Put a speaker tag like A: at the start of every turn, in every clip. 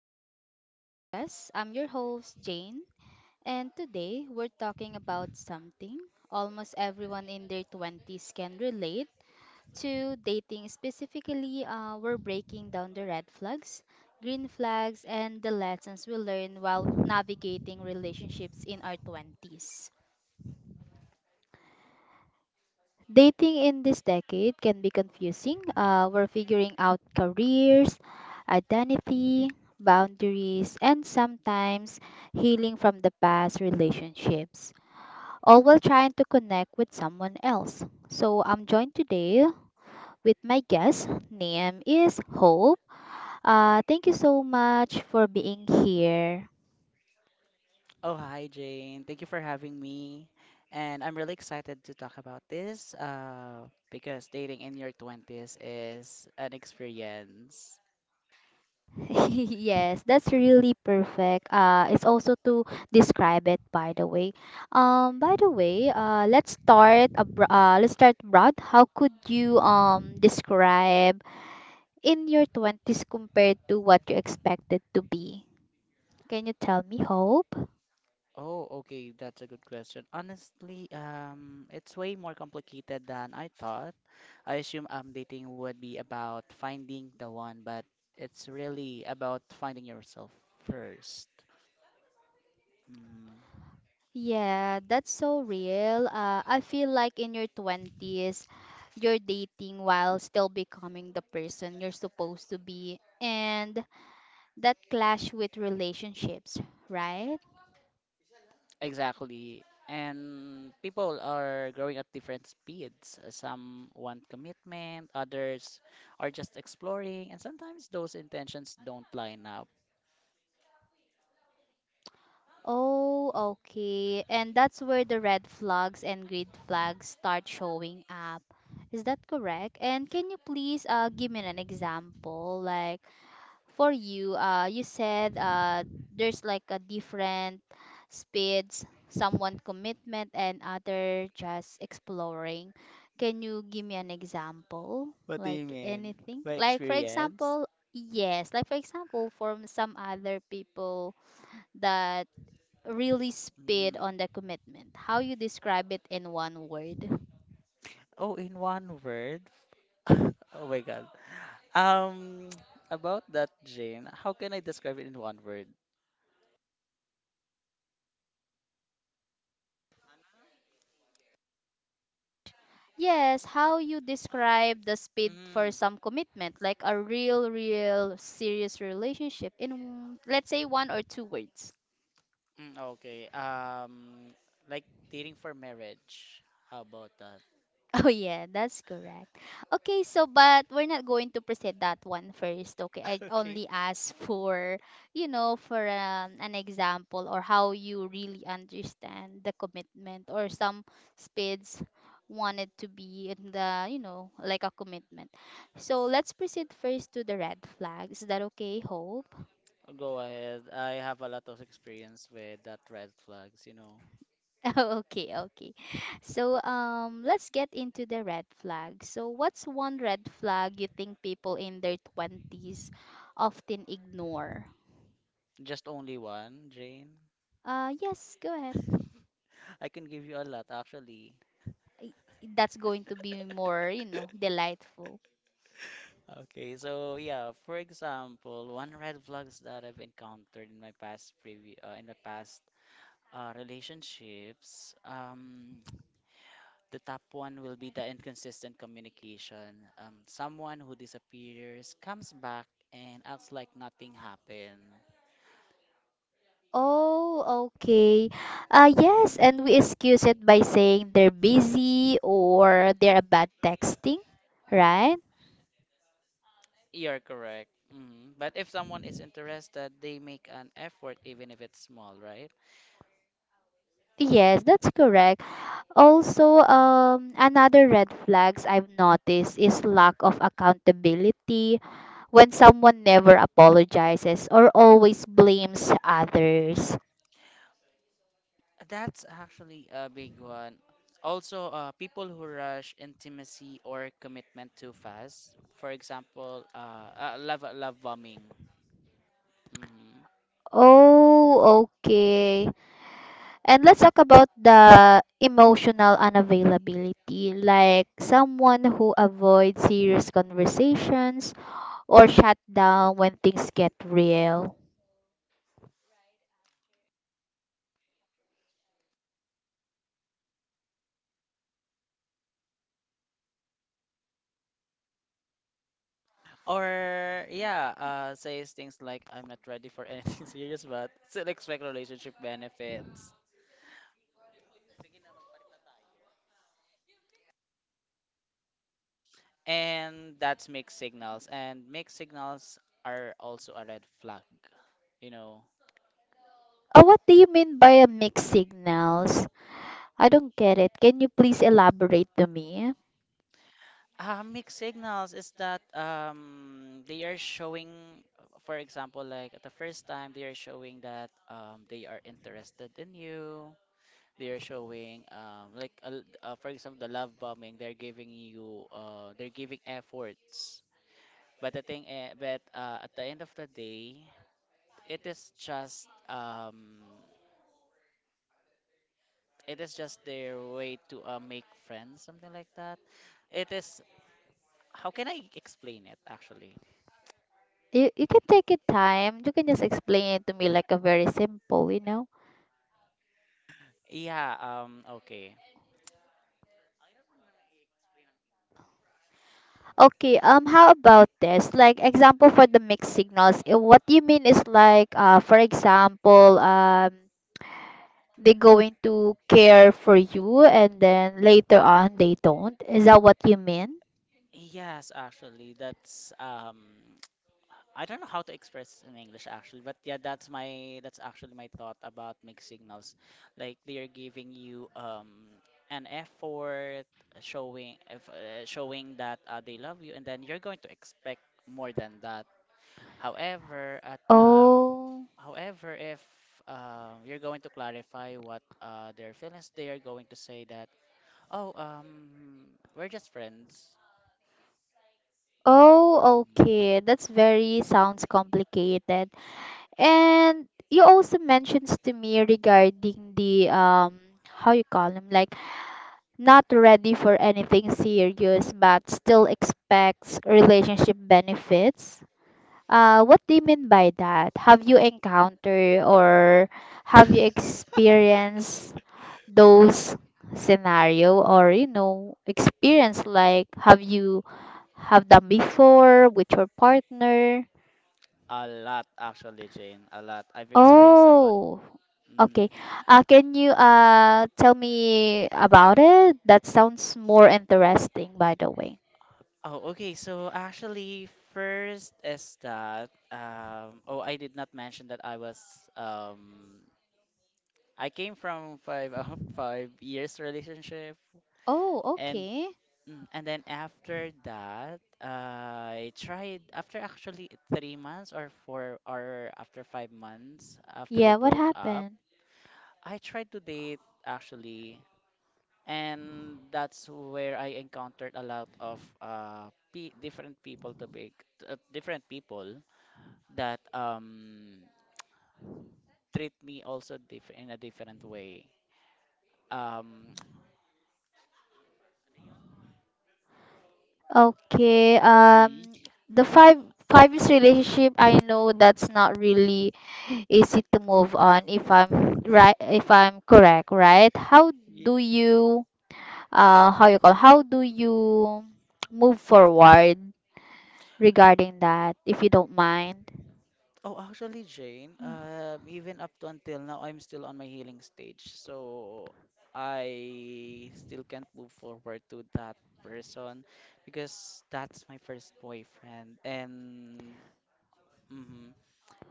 A: back to the podcast. I'm your host, Jane, and today we're talking about something almost everyone in their 20s can relate to dating. Specifically, we're breaking down the red flags, green flags, and the lessons we learn while navigating relationships in our 20s. Dating in this decade can be confusing. We're figuring out careers, identity, boundaries, and sometimes healing from the past relationships, all while trying to connect with someone else. So I'm joined today with my guest. Name is Hope. Thank you so much for being here.
B: Oh, hi, Jane. Thank you for having me. And I'm really excited to talk about this because dating in your 20s is an experience.
A: Yes, that's really perfect. It's also to describe it, by the way. Let's start abr let's start broad. How could you describe in your 20s compared to what you expected to be? Can you tell me, Hope?
B: Oh, okay, that's a good question. Honestly, it's way more complicated than I thought. I assume dating would be about finding the one, but it's really about finding yourself first. Mm,
A: Yeah, that's so real. I feel like in your 20s, you're dating while still becoming the person you're supposed to be. And that clash with relationships, right?
B: Exactly. And people are growing at different speeds. Some want commitment, others are just exploring, and sometimes those intentions don't line up.
A: Oh, okay. And that's where the red flags and green flags start showing up. Is that correct? And can you please give me an example? Like, for you, you said there's like a different speeds, someone commitment and other just exploring. Can you give me an example?
B: What do you
A: Like
B: mean?
A: anything?
B: By
A: Like for
B: experience?
A: example, yes, like for example, from some other people that really speed
B: Mm.
A: on the commitment. How you describe it in one word?
B: Oh, in one word? Oh my God. Um, about that, Jane, how can I describe it in one word?
A: Yes, how you describe the speed for
B: Mm.
A: some commitment, like a real, real serious relationship in let's say one or two words.
B: Mm, okay. Like dating for marriage. How about that?
A: Oh yeah, that's correct. Okay, so but we're not going to present that one first. Okay, I
B: Okay.
A: only ask for, you know, for an example or how you really understand the commitment or some speeds wanted to be in the, you know, like a commitment. So let's proceed first to the red flags. Is that okay, Hope?
B: Go ahead. I have a lot of experience with that red flags, you know.
A: Okay, okay. So, let's get into the red flag. So, what's one red flag you think people in their 20s often ignore?
B: Just only one, Jane?
A: Yes, go ahead.
B: I can give you a lot, actually.
A: I- That's going to be more, you know, delightful.
B: Okay, so yeah, for example, one red flags that I've encountered in my past previ in my past relationships, the top one will be the inconsistent communication. Someone who disappears, comes back, and acts like nothing happened.
A: Oh, okay. Yes, and we
B: Mm-hmm.
A: excuse it by saying they're busy or they're a bad texting, right?
B: You're correct. Hmm But if someone is interested, they make an effort, even if it's small, right?
A: Yes, that's correct. Also, another red flags I've noticed is lack of accountability when someone never apologizes or always blames others.
B: That's actually a big one. Also, people who rush intimacy or commitment too fast, for example, love bombing. Hmm
A: Oh, okay. And let's talk about the emotional unavailability, like someone who avoids serious conversations or shut down when things get real.
B: Or yeah, says things like "I'm not ready for anything serious," but still expect relationship benefits. And that's mixed signals, and mixed signals are also a red flag, you know.
A: Oh, what do you mean by a mixed signals? I don't get it. Can you please elaborate to me?
B: Mixed signals is that they are showing, for example, like at the first time, they are showing that they are interested in you. They are showing, for example, the love bombing. They're giving you, they're giving efforts. But at the end of the day, it is just, um, it is just their way to make friends, something like that. It is, how can I explain it actually?
A: You can take your time. You can just explain it to me like a very simple, you know.
B: Yeah, okay.
A: Okay, how about this? Like example for the mixed signals. What you mean is like for example, they going to care for you and then later on they don't. Is that what you mean?
B: Yes, actually, that's I don't know how to express in English actually, but yeah, that's actually my thought about mixed signals. Like they are giving you an effort, showing if, showing that they love you, and then you're going to expect more than that. However, at
A: Oh.
B: However, if you're going to clarify what their feelings, they are going to say that, oh, we're just friends.
A: Oh,
B: Mhm.
A: okay. That's very sounds complicated. And you also mentions to me regarding the how you call him like not ready for anything serious but still expects relationship benefits. What do you mean by that? Have you encountered or have you experienced those scenario or you know experience like have you have done before with your partner?
B: A lot, actually, Jane. A lot. I've experienced that one.
A: Oh, okay.
B: Mm.
A: Can you tell me about it? That sounds more interesting, by the way.
B: Oh, okay. So actually, first is that Oh, I did not mention that um. I came from five 5 years relationship,
A: Oh,
B: and
A: okay.
B: and then after that, I tried after actually 3 months or four or after 5 months after we
A: Yeah, what
B: broke up.
A: happened?
B: I tried to date actually, and that's where I encountered a lot of pe different people to be different people that treat me also different in a different way. Um,
A: Okay,
B: mm,
A: the five years relationship, I know that's not really easy to move on if I'm right, if I'm correct, right? How
B: ye-
A: do you, how you call, how do you move forward regarding that, if you don't mind?
B: Oh, actually, Jane, even up to until now, I'm still on my healing stage, so I still can't move forward to that person because that's my first boyfriend. And hmm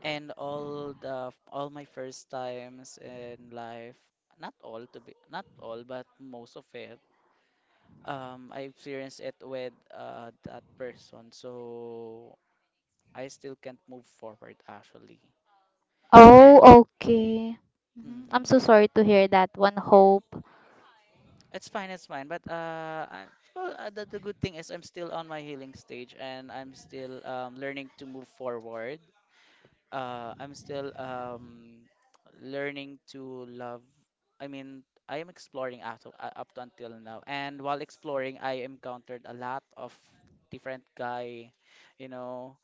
B: And all the all my first times in life, not all, but most of it, I experienced it with that person, so I still can't move forward actually. And
A: Oh, okay. I'm so
B: mhm.
A: sorry to hear that one, Hope.
B: It's fine, it's fine. But the good thing is I'm still on my healing stage and I'm still learning to move forward. I'm still Learning to love. I mean, I am exploring up to, up to until now, and while exploring, I encountered a lot of different guy, you know,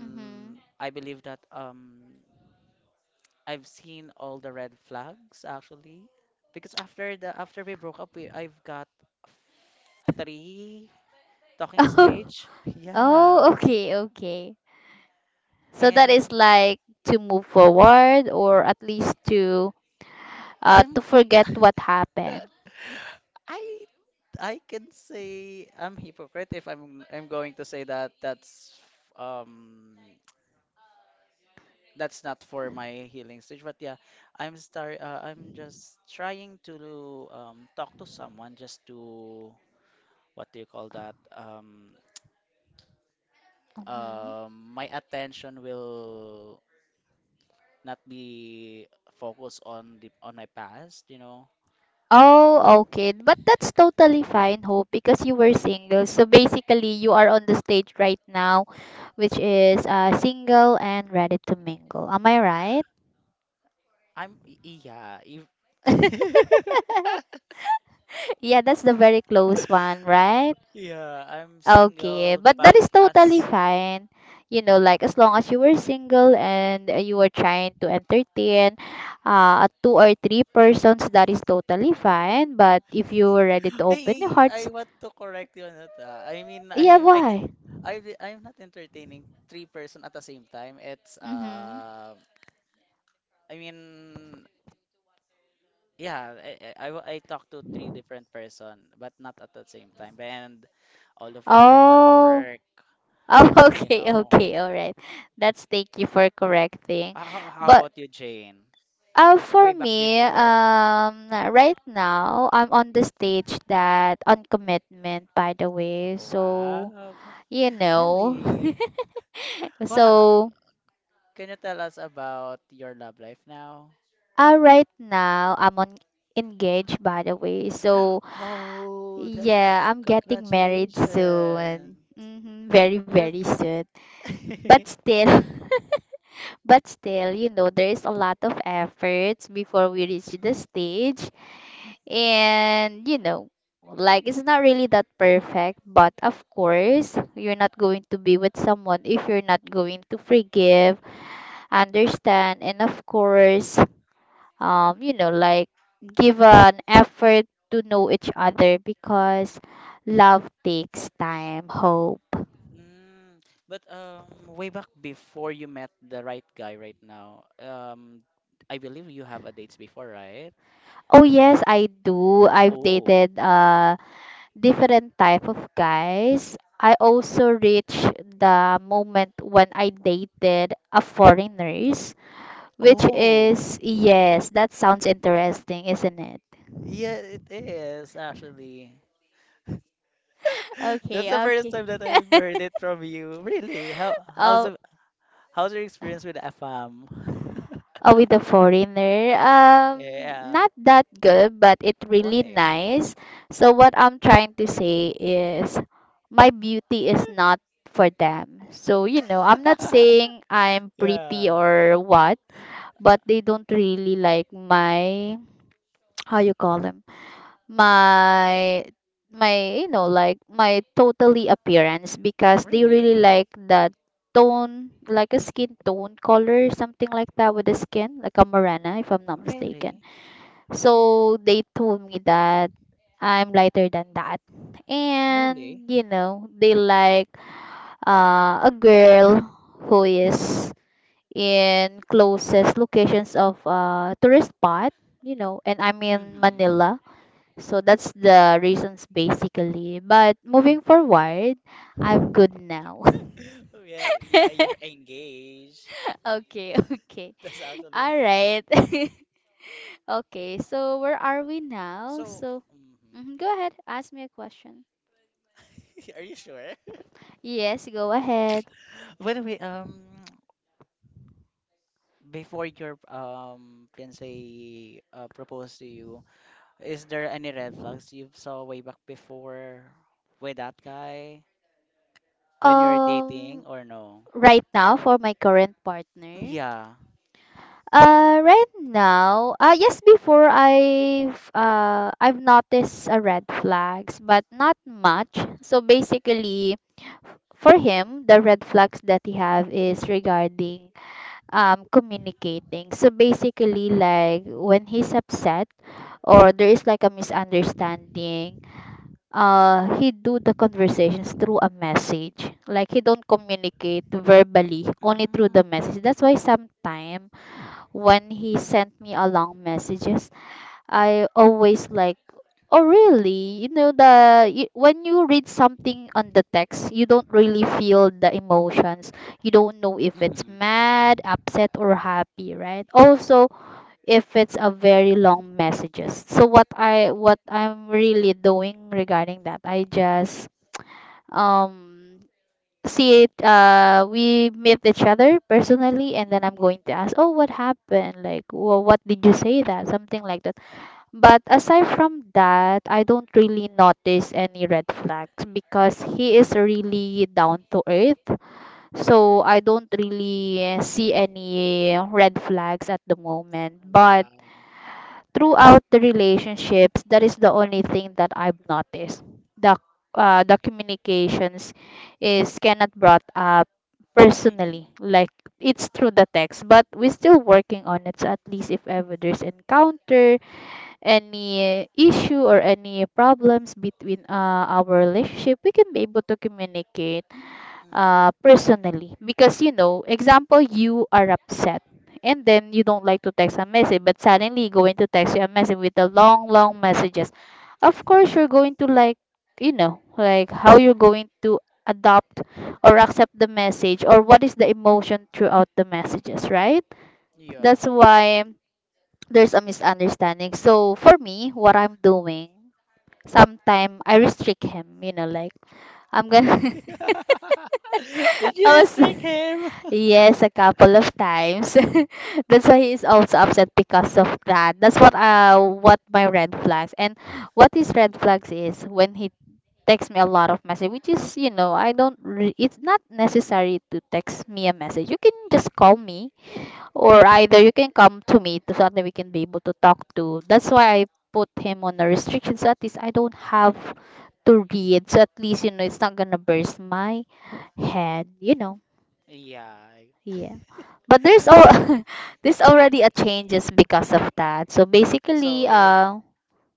A: Mm-hmm.
B: I believe that I've seen all the red flags actually, because after we broke up, we I've got three talking stage, yeah.
A: Oh, okay, okay. So that is
B: and
A: like to move forward or at least to
B: I'm.
A: forget what happened.
B: I I can say I'm hypocrite if I'm going to say that um that's not for my healing stage. But yeah, I'm just trying to talk to someone just to, what do you call that?
A: hmm
B: My attention will not be focused on the on my past, you know.
A: Oh, okay. But that's totally fine, Hope, because you were single. So basically, you are on the stage right now, which is single and ready to mingle. Am I right?
B: I'm y- yeah, if
A: Yeah, that's the very close one, right?
B: yeah, I'm
A: Okay,
B: single,
A: but
B: but
A: that is totally
B: as
A: fine. You know, like as long as you were single and you were trying to entertain two or three persons, that is totally fine. But if you were ready to
B: Hey,
A: open
B: hey,
A: your
B: I
A: hearts,
B: want to correct you on that. Ah. I mean,
A: yeah,
B: I did
A: why?
B: I di- I'm not entertaining three person at the same time.
A: Mm-hmm.
B: I mean, yeah, I talked to three different person, but not at the same time. And all of it did not
A: Oh,
B: work,
A: oh,
B: you
A: okay,
B: know.
A: okay, all right. That's thank you for correcting.
B: How
A: But
B: about you, Jane? Way
A: for
B: back
A: me,
B: before.
A: right now I'm on the stage that on commitment, by the way. So.
B: Wow.
A: You know.
B: Really? Wow.
A: so
B: Can you tell us about your love life now?
A: uh, right now I'm on engaged by the way. So
B: Oh,
A: yeah,
B: that's
A: I'm getting married
B: congratulations.
A: soon. Very,
B: Congrats.
A: very soon. But still, but still, you know, there is a lot of efforts before we reach the stage, and you know. Like it's not really that perfect, but of course, you're not going to be with someone if you're not going to forgive understand and of course you know like give an effort to know each other because love takes time, hope.
B: Mm, but Way back before you met the right guy right now, I believe you have a dates before, right?
A: Oh yes, I do. I've
B: Oh,
A: dated different type of guys. I also reached the moment when I dated a foreigners, which
B: oh,
A: is, yes, that sounds interesting, isn't it?
B: yeah, it is actually. That's
A: Okay,
B: the first
A: okay.
B: time that I've heard it from you. Really? How's your experience with FM?
A: With a foreigner. Um,
B: Yeah.
A: not that good, but it really
B: Why?
A: nice. So what I'm trying to say is, my beauty is not for them. So you know, I'm not saying I'm pretty
B: Yeah.
A: or what, but they don't really like my how you call them my my you know like my totally appearance because they really
B: Really?
A: like the tone like a skin tone color something like that with the skin like a morena if I'm not mistaken,
B: Really?
A: so they told me that I'm lighter than that.
B: Really?
A: And you know they like a girl who is in closest locations of tourist spot, you know, and I'm in
B: Mm-hmm.
A: Manila. So that's the reasons basically. But moving forward, I'm good now.
B: Well, yeah, you're engaged.
A: Okay, okay.
B: That's actually
A: All right. Okay, so where are we now?
B: so.
A: So,
B: Hmm
A: mhm, go ahead, ask me a question.
B: Are you sure?
A: Yes, go ahead.
B: By the way, before your fiance proposed to you, is there any red flags you saw way back before with that guy when you're dating
A: Um,
B: or no?
A: right now for my current partner,
B: Yeah.
A: Right now, yes, before I've noticed red flags, but not much. So basically, for him, the red flags that he have is regarding communicating. So basically, like when he's upset or there is like a misunderstanding, he do the conversations through a message. Like he don't communicate verbally, only through the
B: Mm-hmm.
A: message. That's why sometimes when he sent me a long messages, I always like, oh really, you know the when you read something on the text you don't really feel the emotions. You don't know if it's mad, upset or happy, right? Also, if it's a very long messages. So what I'm really doing regarding that, I just um see it. We meet each other personally and then I'm
B: Mm-hmm.
A: going to ask, oh what happened, like, well, what did you say, that something like that. But aside from that, I don't really notice any red flags because he is really down to earth. So I don't really see any red flags at the moment, but
B: Wow.
A: throughout the relationships, that is the only thing that I've noticed. The the communications is cannot brought up personally,
B: Mm-hmm.
A: like it's through the text, but we're still working on it. So at least if ever there's encounter, any issue or any problems between our relationship, we can be able to communicate
B: Mm-hmm.
A: personally. Because, you know, example, you are upset and then you don't like to text a message, but suddenly you going to text you a message with the long, long messages. Of course, you're going to like, you know, like how you're going to adopt or accept the message or what is the emotion throughout the messages, right?
B: Yeah.
A: That's why there's a misunderstanding. So for me, what I'm doing, sometime I restrict him, you know, like I'm gonna
B: Did you
A: I was
B: restrict him?
A: yes, a couple of times. That's why he's also upset because of that. That's what my red flags and what his red
B: Mm,
A: flags is when he texts me a lot of message, which is you know I don't. It's not necessary to text me a message. You can just call me or either you can come to me to, so that we can be able to talk to. That's why I put him on a restriction so at least I don't have
B: mhm.
A: to read. So at least you know it's not gonna burst my head. You know.
B: Yeah.
A: Yeah. But there's all there's already a changes because of that. So basically,
B: So y-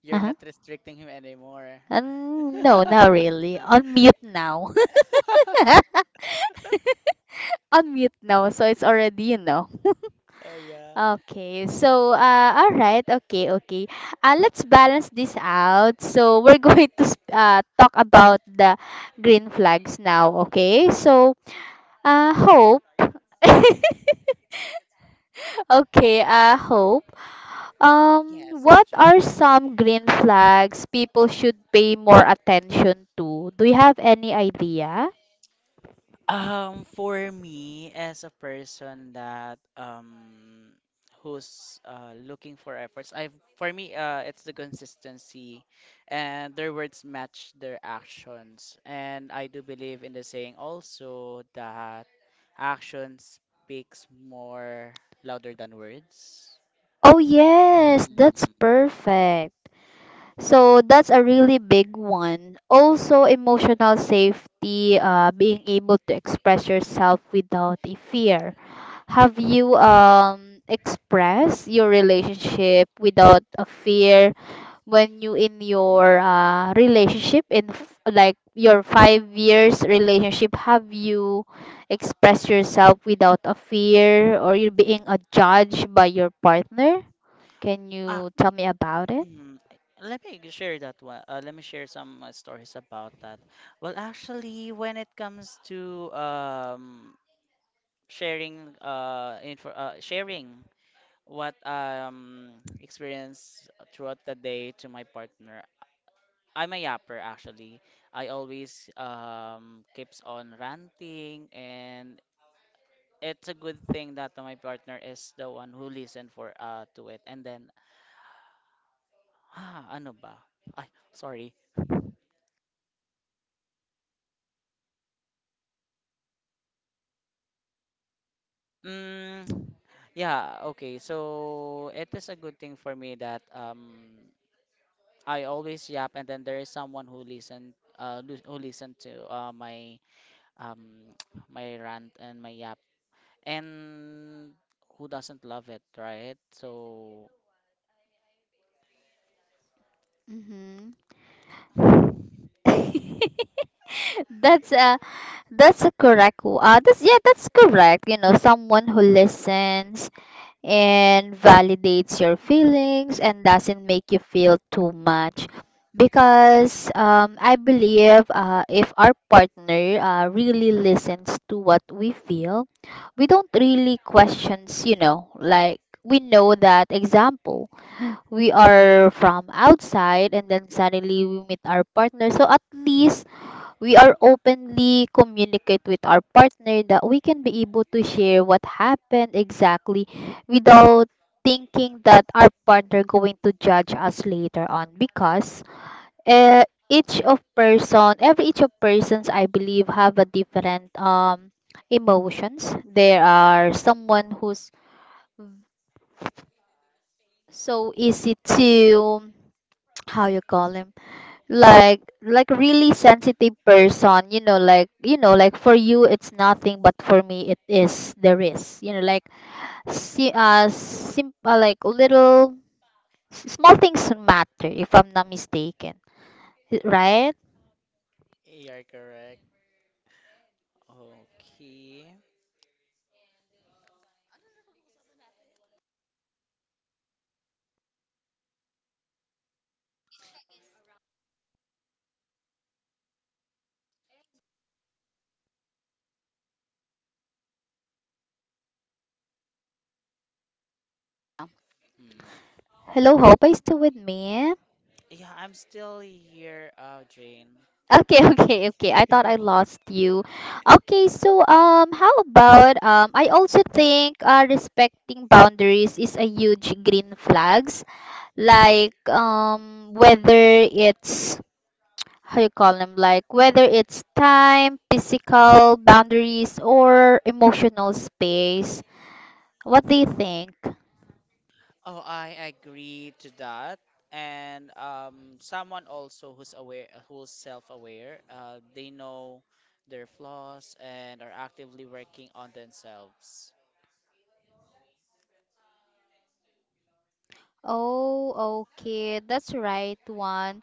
B: you're
A: uh-huh.
B: not restricting him anymore.
A: No, not really. On mute now. On mute now. So it's already, you know.
B: Oh yeah.
A: Okay. So, all right. Okay, okay. Let's balance this out. So we're going to talk about the green flags now. Okay. So, hope. Okay. Hope.
B: Yes, Miss
A: What
B: Jade.
A: are some green flags people should pay more attention to? Do you have any idea?
B: For me as a person that who's looking for efforts, I for me it's the consistency and their words match their actions. And I do believe in the saying also that action speaks more louder than words.
A: Oh, yes, that's
B: Mm.
A: perfect. So that's a really big one. Also, emotional safety, being able to express yourself without a fear. Have you expressed your relationship without a fear when you in your relationship in like your 5 years relationship? Have you expressed yourself without a fear or you're being a judge by your partner? Can
B: Ah,
A: you tell me about it?
B: mm, Let me share that one. Let me share some stories about that. Well, actually, when it comes to sharing sharing what experience throughout the day to my partner, I'm a yapper actually. I always keeps on ranting, and it's a good thing that my partner is the one who listened for to it. And then ah ano ba ay sorry mm, yeah, okay, so it is a good thing for me that I always yap, and then there is someone who listened who listened to my um my rant and my yap, and who doesn't love it, right? So
A: Mm-hmm. that's a that's a correct that's yeah that's correct, you know, someone who listens and validates your feelings and doesn't make you feel too much because I believe if our partner really listens to what we feel, we don't really questions, we know that example. We are from outside and then suddenly we meet our partner, so at least we are openly communicate with our partner that we can be able to share what happened exactly without thinking that our partner going to judge us later on because uh, each of person, every each of persons, I believe have a different emotions. There are someone who's so easy to, how you call him, like really sensitive person, you know, like you know, like for you it's nothing but for me it is the risk, you know, like simple, like little, small things matter, if I'm not mistaken, right?
B: you're correct. Okay Hmm.
A: Hello hope, are you still with me?
B: Yeah, I'm still here, Jane.
A: Okay. Okay, okay. I thought I lost you. Okay, so how about, I also think respecting boundaries is a huge green flag, like, whether it's, how you call them, like whether it's time, physical boundaries or emotional space. What do you think?
B: Oh, I agree to that. And someone also who's aware, who's self-aware, they know their flaws and are actively working on themselves.
A: Oh okay, that's right one.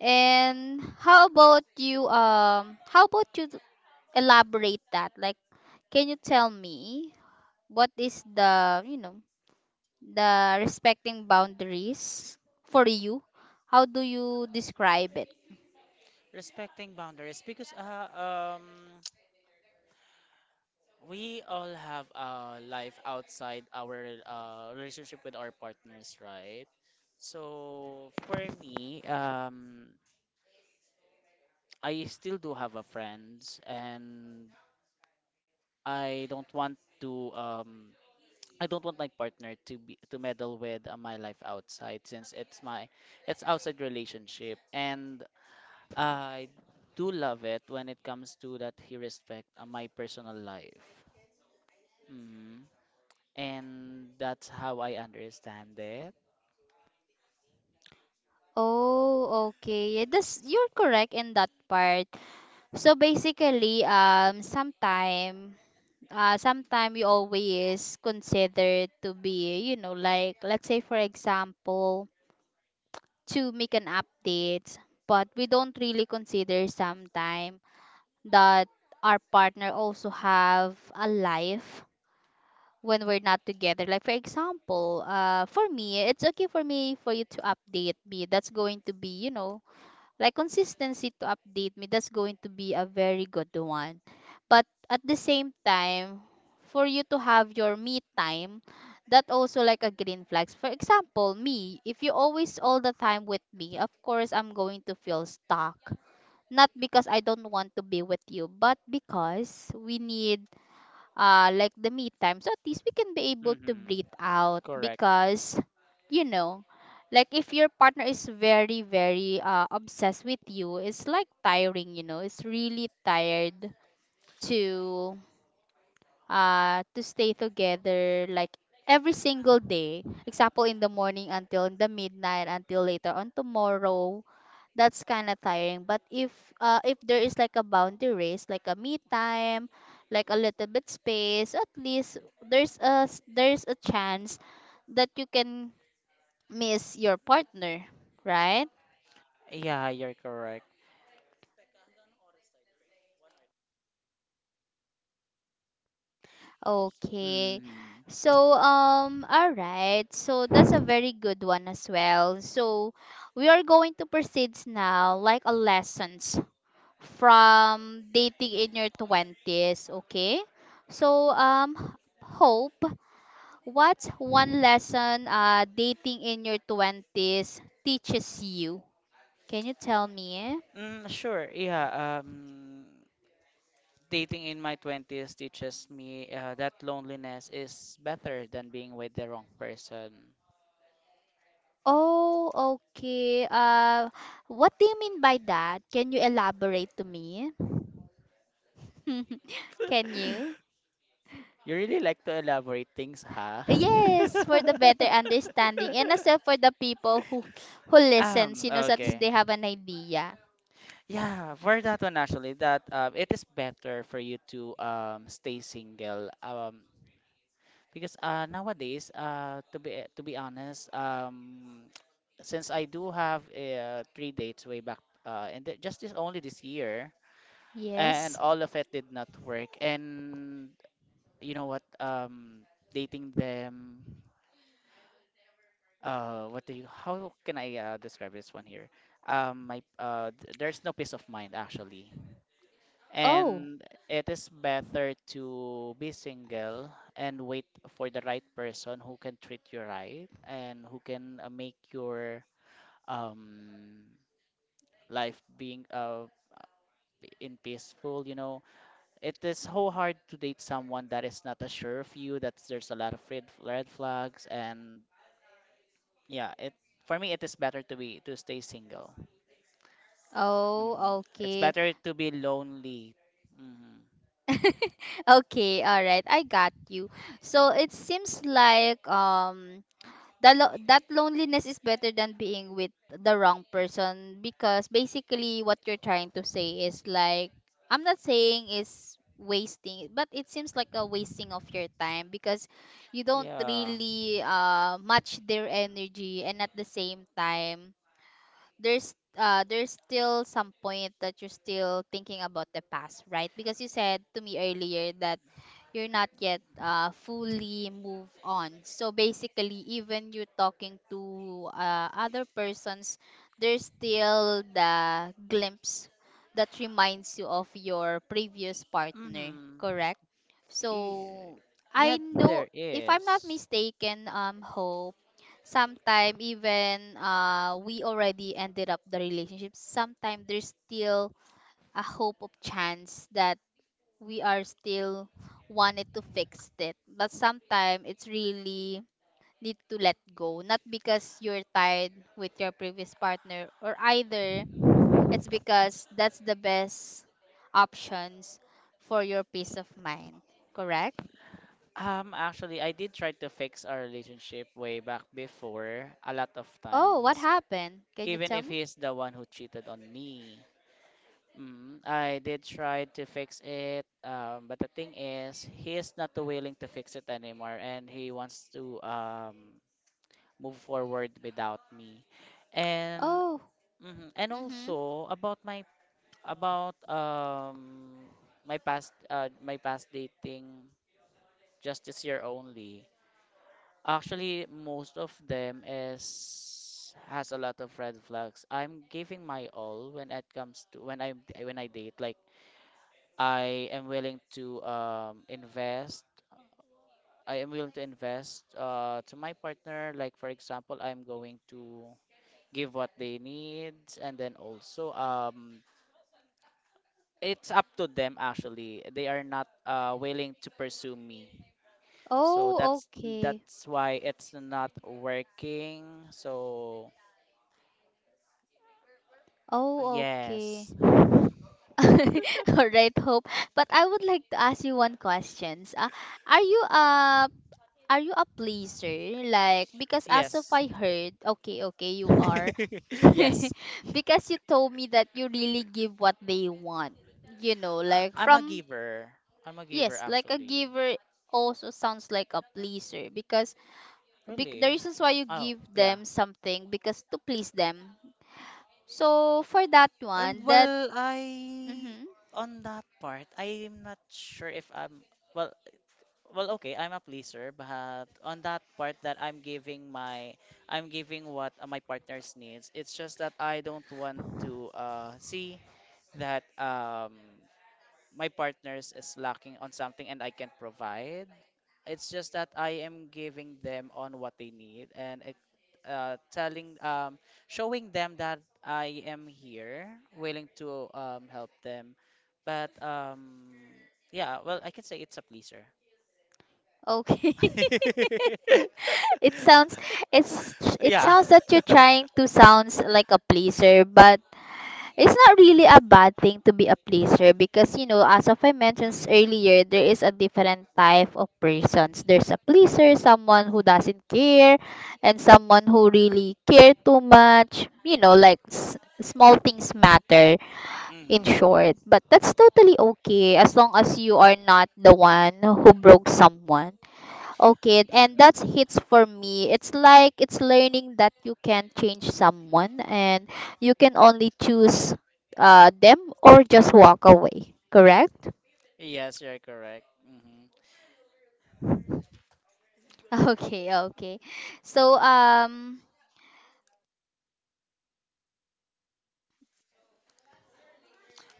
A: And how about you, how about you elaborate that, like, can you tell me, what is the, you know, the respecting boundaries for you? How do you describe it?
B: Respecting boundaries because we all have a life outside our relationship with our partners, right? So for me, I still do have a friends, and I don't want to um I don't want my partner to meddle with my life outside, since it's outside relationship. And I do love it when it comes to that he respect my personal life. Hmm And that's how I understand it.
A: Oh, okay. Yeah, that's you're correct in that part. So basically, sometime, sometime you always consider to be, you know, like let's say for example, to make an update, but we don't really consider sometime that our partner also have a life when we're not together. Like for example, for me, it's okay for me for you to update me. That's going to be, you know, like consistency to update me, that's going to be a very good one. But at the same time, for you to have your me time, that also like a green flags. For example me, if you always all the time with me, of course I'm going to feel stuck. Not because I don't want to be with you, but because we need like the me time. So at least we can be able to
B: Hmm
A: breathe out
B: Correct.
A: because, you know, like if your partner is very, very obsessed with you, it's like tiring, you know, it's really tired to to stay together, like every single day, example, in the morning until in the midnight until later on tomorrow. That's kind of tiring. But if there is like a boundaries, like a me time, like a little bit space, at least there's a there's a chance that you can miss your partner, right?
B: Yeah, you're correct.
A: Okay.
B: Hmm
A: So all right, so that's a very good one as well. So we are going to proceed now like a lessons from dating in your 20s. Okay. So hope, what's one lesson dating in your 20s teaches you? Can you tell me?
B: Sure. Yeah. Dating in my 20s teaches me that loneliness is better than being with the wrong person.
A: Oh, okay. What do you mean by that? Can you elaborate to me? Can you?
B: You really like to elaborate things, huh?
A: Yes, for the better understanding and as well for the people who listens, you
B: um,
A: know, so at least
B: okay.
A: they have an idea.
B: Yeah, for that one actually, that it is better for you to stay single. Because nowadays to be honest, since I do have three dates way back just this only this year,
A: Yes.
B: and all of it did not work. And you know what, dating them, what do you how can I describe this one here, there's no peace of mind actually,
A: Oh.
B: and it is better to be single and wait for the right person who can treat you right and who can make your um life being in peaceful, you know. It is so hard to date someone that is not as sure of you, that there's a lot of red flags. And yeah, it for me it is better to stay single. Mm.
A: Oh,
B: It's
A: okay.
B: better to be lonely. Hmm
A: Okay, all right. I got you. So it seems like that that loneliness is better than being with the wrong person because basically what you're trying to say is like, I'm not saying is wasting, but it seems like a wasting of your time because you don't
B: Yeah.
A: really match their energy. And at the same time, there's still some point that you're still thinking about the past, right? Because you said to me earlier that you're not yet fully move on. So basically, even you're talking to other persons, there's still the glimpse that reminds you of your previous partner,
B: hmm
A: correct? So I
B: Yeah,
A: know,
B: there
A: if I'm not
B: is.
A: mistaken, Ho, sometime even we already ended up the relationship, sometime there's still a hope of chance that we are still wanted to fix it, but sometime it's really need to let go. Not because you're tired with your previous partner or either, it's because that's the best options for your peace of mind, correct?
B: Actually, I did try to fix our relationship way back before, a lot of
A: Oh, what
B: times,
A: happened? Can you
B: even
A: tell
B: if
A: me?
B: he's the one who cheated on me. I did try to fix it, but the thing is, he is not too willing to fix it anymore, and he wants to move forward without me. And
A: Oh.
B: mhm, and
A: Mhm.
B: also about about um my past dating just this year only. Actually, most of them is has a lot of red flags. I'm giving my all when it comes to when I date like. I am willing to invest. I am willing to invest to my partner. Like for example, I'm going to give what they need, and then also it's up to them. Actually, they are not willing to pursue me, so
A: Oh,
B: that's
A: okay.
B: that's why it's not working. So
A: Oh, okay.
B: yes,
A: All right, Hope. But I would like to ask you one questions. Are you a are you a pleaser? Like because as of
B: yes,
A: I heard, okay, okay, you are.
B: yes.
A: Because you told me that you really give what they want. You know,
B: I-
A: like
B: I'm a
A: from,
B: giver. I'm a giver
A: yes, like a
B: actually.
A: giver, also sounds like a pleaser because, the
B: Really?
A: reasons why you
B: Oh,
A: give
B: yeah.
A: them something because to please them. So for that
B: Um,
A: one, that,
B: well, I
A: mm-hmm.
B: on that part, I'm not sure if I'm well. Well, okay, I'm a pleaser, but on that part that I'm giving my, I'm giving what my partner's needs. It's just that I don't want to see that. My partners is lacking on something and I can't provide. It's just that I am giving them on what they need and it, telling showing them that I am here, willing to help them. But Yeah, well, I can say it's a pleaser.
A: Okay. It sounds, it's it
B: Yeah.
A: sounds that you're trying to sounds like a pleaser, but it's not really a bad thing to be a pleaser because, you know, as of I mentioned
B: Hmm.
A: earlier, there is a different type of persons. There's a pleaser, someone who doesn't care, and someone who really care too much. You know, like small things matter, in
B: Hmm.
A: short. But that's totally okay as long as you are not the one who broke someone. Okay, and that's
B: Hmm.
A: hits for me. It's like it's learning that you can't change someone and you can only choose them or just walk away, correct?
B: Yes, you're correct. Hmm.
A: Okay, okay. So,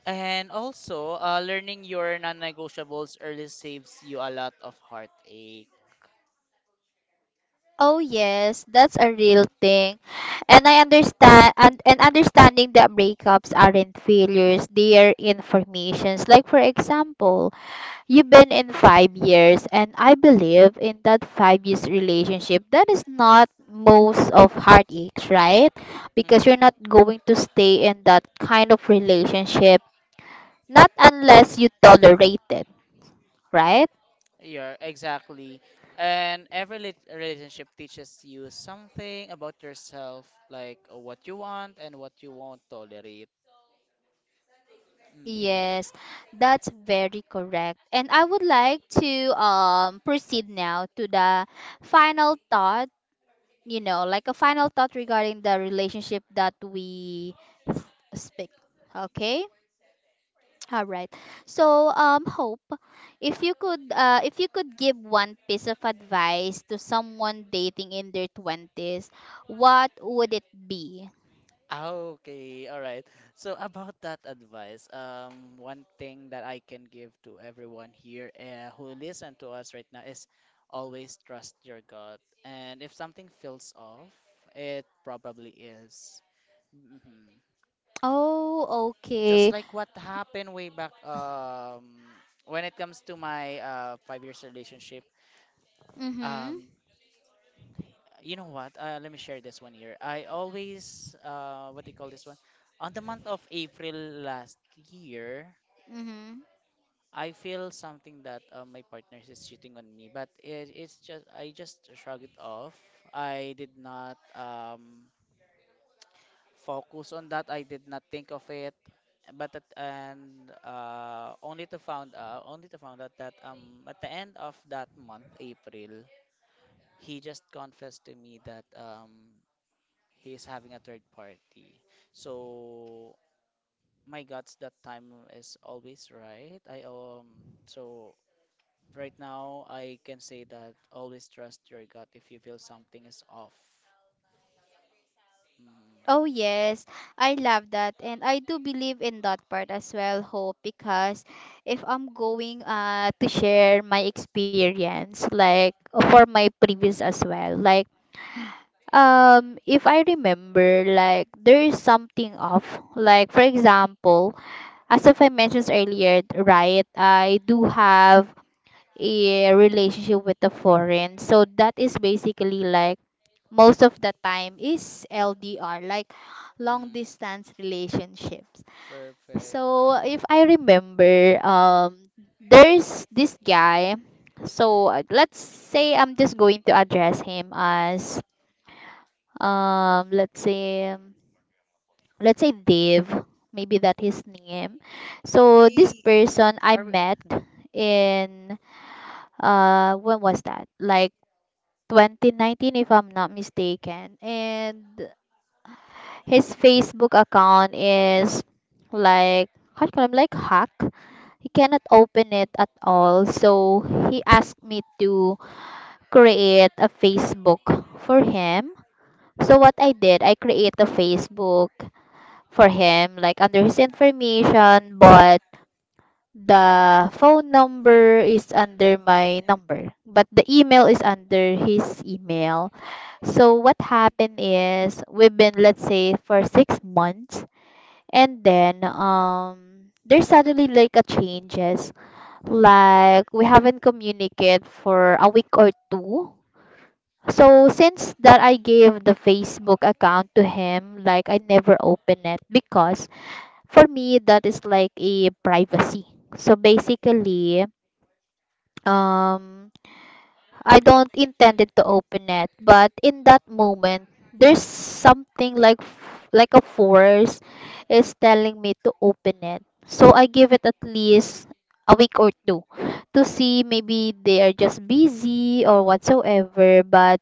B: And also, learning your non-negotiables early saves you a lot of heartache.
A: oh yes, that's a real thing. And I understand and understanding that breakups aren't failures, they are informations. Like for example, you've been in 5 years, and I believe in that 5 years relationship, that is not most of heartaches, right? Because you're
B: Mm,
A: not going to stay in that kind of relationship, not unless you tolerate it, right?
B: yeah, exactly. And every relationship teaches you something about yourself, like what you want and what you won't tolerate. Mhm.
A: Yes, that's very correct. And I would like to proceed now to the final thought, you know, like a final thought regarding the relationship that we s- speak. Okay? All right. So, Hope, if you could give one piece of advice to someone dating in their twenties, what would it be?
B: Ah, okay, all right. So about that advice, one thing that I can give to everyone here who listen to us right now is always trust your gut. And if something feels off, it probably is. Hmm.
A: Oh,
B: Just
A: okay.
B: like what happened way back when it comes to my 5 years relationship.
A: Mhm.
B: Um, you know what? Let me share this one here. I always what do you call this one? On the month of April last year,
A: Mhm.
B: I feel something that my partner is cheating on me, but it's just I just shrug it off. I did not focus on that. I did not think of it, but at, and only to found out only to found out that at the end of that month, April, he just confessed to me that he's having a third party. So my guts that time is always right. I so Right now, I can say that always trust your gut if you feel something is off.
A: Oh,
B: Mm.
A: yes. I love that. And I do believe in that part as well, Hope, because if I'm going to share my experience, like for my previous as well, like if I remember, like there is something off, like for example, as if I mentioned earlier, right, I do have a relationship with the foreign, so that is basically like most of the time is ldr, like long
B: Mhm.
A: distance relationships.
B: Perfect.
A: So if I remember, there's this guy. So let's say I'm just going to address him as let's say, let's say Dave, maybe that his name. So this
B: Hey,
A: person I
B: are we-
A: met in, when was that, like 2019 if I'm not mistaken. And his Facebook account is like, how do you call him, like hack, he cannot open it at all. So he asked me to create a Facebook for him. So what I did, I create a Facebook for him, like under his information, but the phone number is under my number, but the email is under his email. So what happened is we've been let's say for 6 months, and then there's suddenly like a changes, like we haven't communicated for a week or two. So since that I gave the Facebook account to him, like I never open it because for me, that is like a privacy. So basically, um, I don't intended to open it, but in that moment, there's something like like a force is telling me to open it. So I give it at least a week or two to see maybe they are just busy or whatsoever. But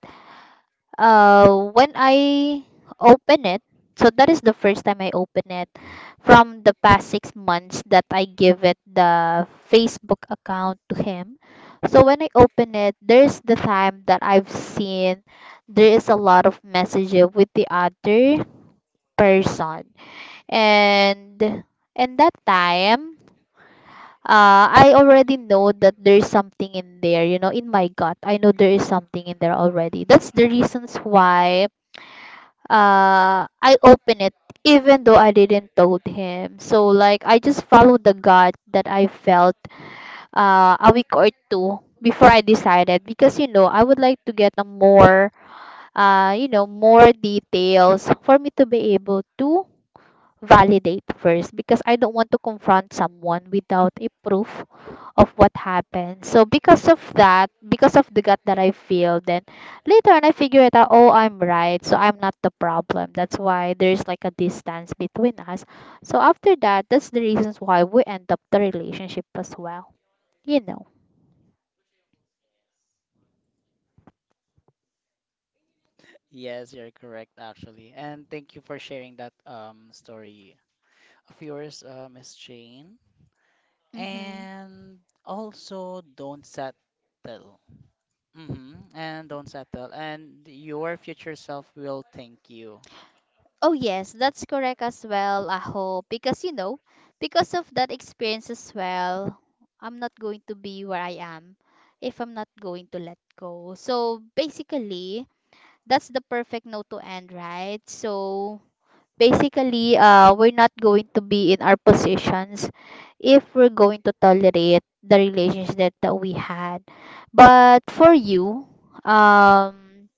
A: when I open it, so that is the first time I open it from the past 6 months that I give it the Facebook account to him. So when I open it, there's the time that I've seen there is a lot of messages with the other person. And in that time, I already know that there's something in there, you know, in my gut. I know there is something in there already. That's the reasons why I opened it even though I didn't told him. So like I just followed the gut that I felt a week or two before I decided because you know I would like to get a more more details for me to be able to validate first because I don't want to confront someone without a proof of what happened. So because of that, because of the gut that I feel, then later on I figure it out, oh, I'm right. So I'm not the problem. That's why there's like a distance between us. So after that, that's the reasons why we end up the relationship as well. You know.
B: Yes, you're correct actually. And thank you for sharing that story of yours, Miss Jane.
A: Mm-hmm.
B: And also don't settle. Mm-hmm. And don't settle. And your future self will thank you.
A: Oh yes, that's correct as well, Aho. Because because of that experience as well, I'm not going to be where I am if I'm not going to let go. So basically, that's the perfect note to end, right? So basically, we're not going to be in our positions if we're going to tolerate the relationship that we had. But for you, um,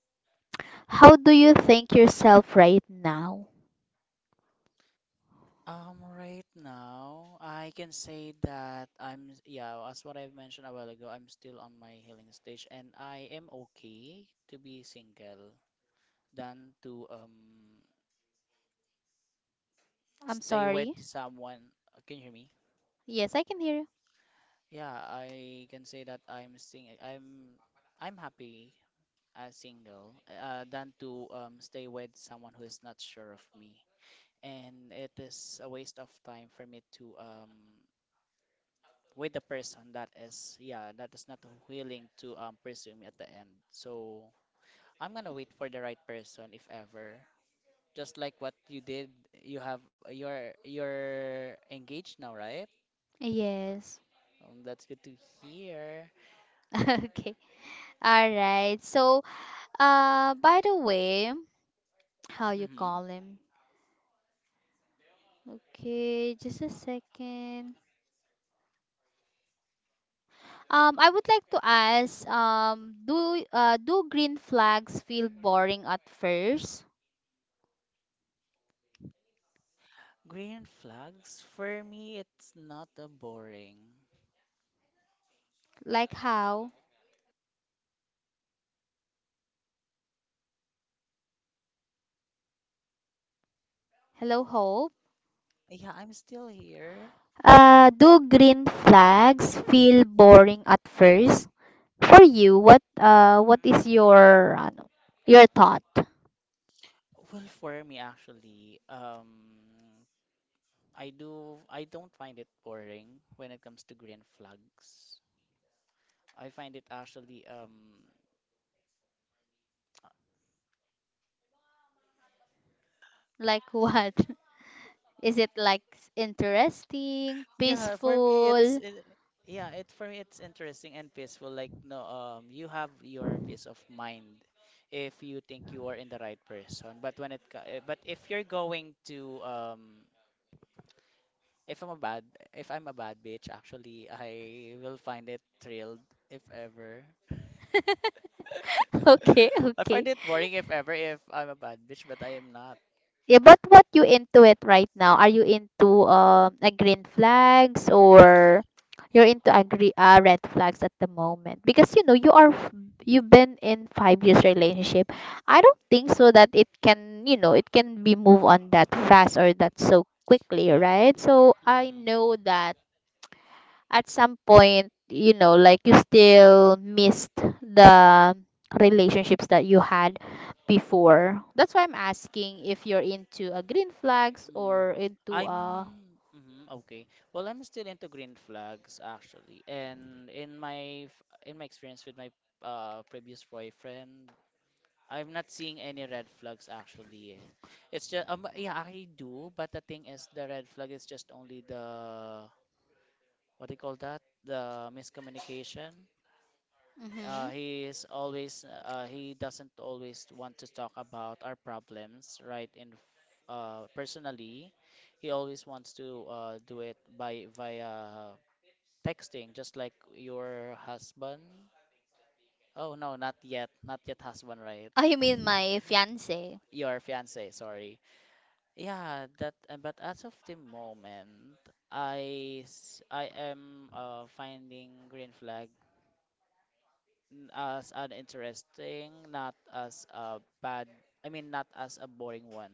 A: how do you think yourself right now?
B: Right now, I can say that I'm, yeah, as what I've mentioned a while ago, I'm still on my healing stage and I am okay to be single than to
A: I'm
B: stay with
A: sorry.
B: someone. Can you hear me?
A: Yes, I can hear you.
B: Yeah, I can say that I'm happy as single than to stay with someone who is not sure of me. And it is a waste of time for me to with the person that is yeah that is not willing to pursue me at the end, so I'm gonna wait for the right person if ever, just like what you did. You have you're you're engaged now, right?
A: Yes.
B: That's good to hear.
A: Okay. All right. So, by the way, how you
B: Hmm.
A: call him? Okay, just a second. I would like to ask, do green flags feel boring at first?
B: Green flags for me it's not a boring.
A: Like how? Hello, Hope.
B: Yeah, I'm still here.
A: Do green flags feel boring at first? For you, what is your ano, your thought?
B: Well, for me actually I do I don't find it boring when it comes to green flags. I find it actually um.
A: Like what? Is it like interesting,
B: Yeah, for me it's
A: peaceful?
B: it, yeah, it for me it's interesting and peaceful. Like no, you have your peace of mind if you think you are in the right person. But when it co- eh, but if you're going to if I'm a bad if I'm a bad bitch, actually I will find it thrilled if ever.
A: Okay,
B: I
A: okay.
B: find it boring if ever if I'm a bad bitch, but I am not.
A: Yeah, but what you into it right now? Are you into a green flags or you're into agree red flags at the moment? Because you know you are you've been in 5 years relationship. I don't think so that it can it can be move on that fast or that so quickly,
B: Yeah.
A: right? So I
B: Mm-hmm.
A: know that at some point, like you still missed the relationships that you had before. That's why I'm asking if you're into a green flags
B: Mm.
A: or into
B: I'm
A: a.
B: mhm, okay. Well, I'm still into green flags actually, and in my in my experience with my previous boyfriend, I'm not seeing any red flags actually. Eh. It's just yeah I do, but the thing is the red flag is just only the what do you call that? The miscommunication.
A: Mm-hmm.
B: He is always he doesn't always want to talk about our problems right personally. He always wants to do it by via texting, just like your husband. Oh no, not yet, not yet husband, right?
A: Oh, you mean my fiance?
B: Your fiance, sorry. Yeah, that. But as of the moment, I am finding green flag. As an interesting, not as a bad, I mean, not as a boring one.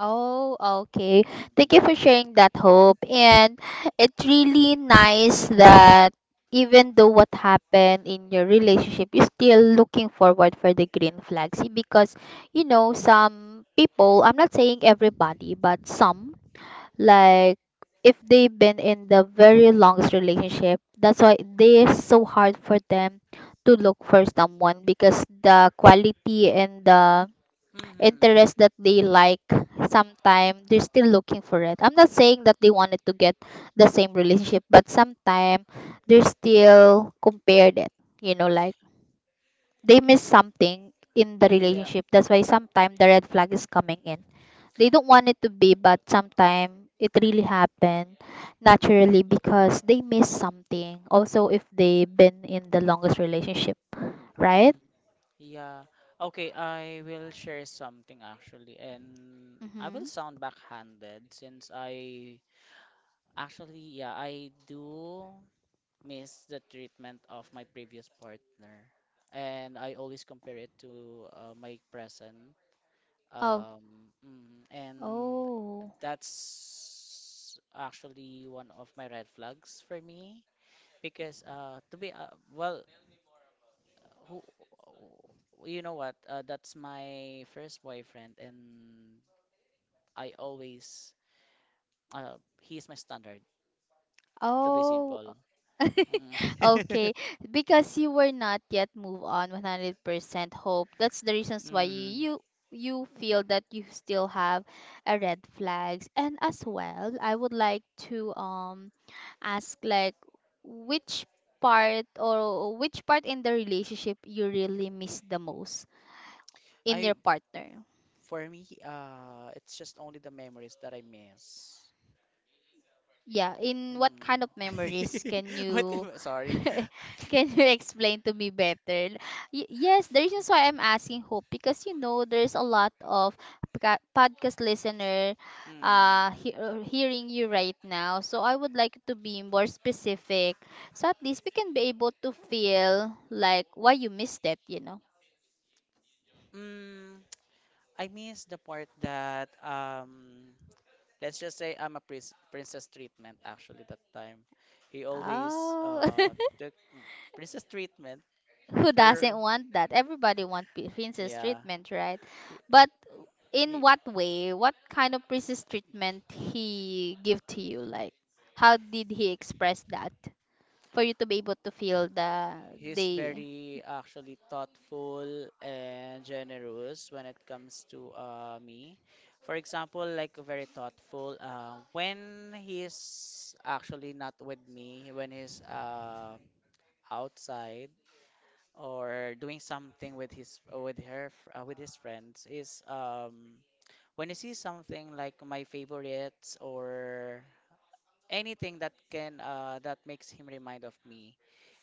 A: Oh, okay. Thank you
B: Mm-hmm.
A: for sharing that hope. And it's really nice that even though what happened in your relationship, you're still looking forward for the green flags because some people, I'm not saying everybody, but some like if they've been in the very longest relationship, that's why they're so hard for them to look for someone because the quality and the
B: Mm-hmm.
A: interest that they like sometime they're still looking for it. I'm not saying that they wanted to get the same relationship, but sometime they're still compared it, like they miss something in the
B: Yeah.
A: relationship. That's why sometime the red flag is coming in. They don't want it to be, but sometime it really happened naturally because they miss something also if they've been in the longest relationship, right?
B: Mm, yeah. Okay, I will share something actually, and I
A: Mm-hmm.
B: will sound backhanded since I actually, yeah, I do miss the treatment of my previous partner, and I always compare it to my present.
A: Oh,
B: Um, and
A: oh,
B: that's actually one of my red flags for me because to be well who you know what that's my first boyfriend and I always uh, he's my standard, to be
A: oh,
B: simple. Mm.
A: okay, because you were not yet move on 100% hope. That's the reasons why
B: Hmm.
A: you feel that you still have a red flags. And as well, I would like to ask like which which part in the relationship you really miss the most in
B: I
A: your partner?
B: For me it's just only the memories that I miss.
A: Yeah, in what kind of
B: Mm.
A: memories can
B: What?
A: you
B: Sorry.
A: can you explain to me better? Yes, the reasons why I'm asking Hope because there's a lot of podcast listener
B: Mm.
A: hearing you right now. So I would like to be more specific so at least we can be able to feel like why you missed it.
B: Mm, I miss the part that let's just say princess treatment actually that time. He always
A: Oh.
B: took mm, princess treatment
A: Who
B: for
A: doesn't want that? Everybody wants princess
B: yeah.
A: treatment, right?
B: He,
A: But in
B: he
A: what way? What kind of princess treatment he give to you? Like, how did he express that for you to be able to feel
B: he's
A: the
B: very actually thoughtful and generous when it comes to me. For example, like very thoughtful when he's actually not with me, when he's outside or doing something with his with her f- with his friends is when you see something like my favorites or anything that can that makes him remind of me,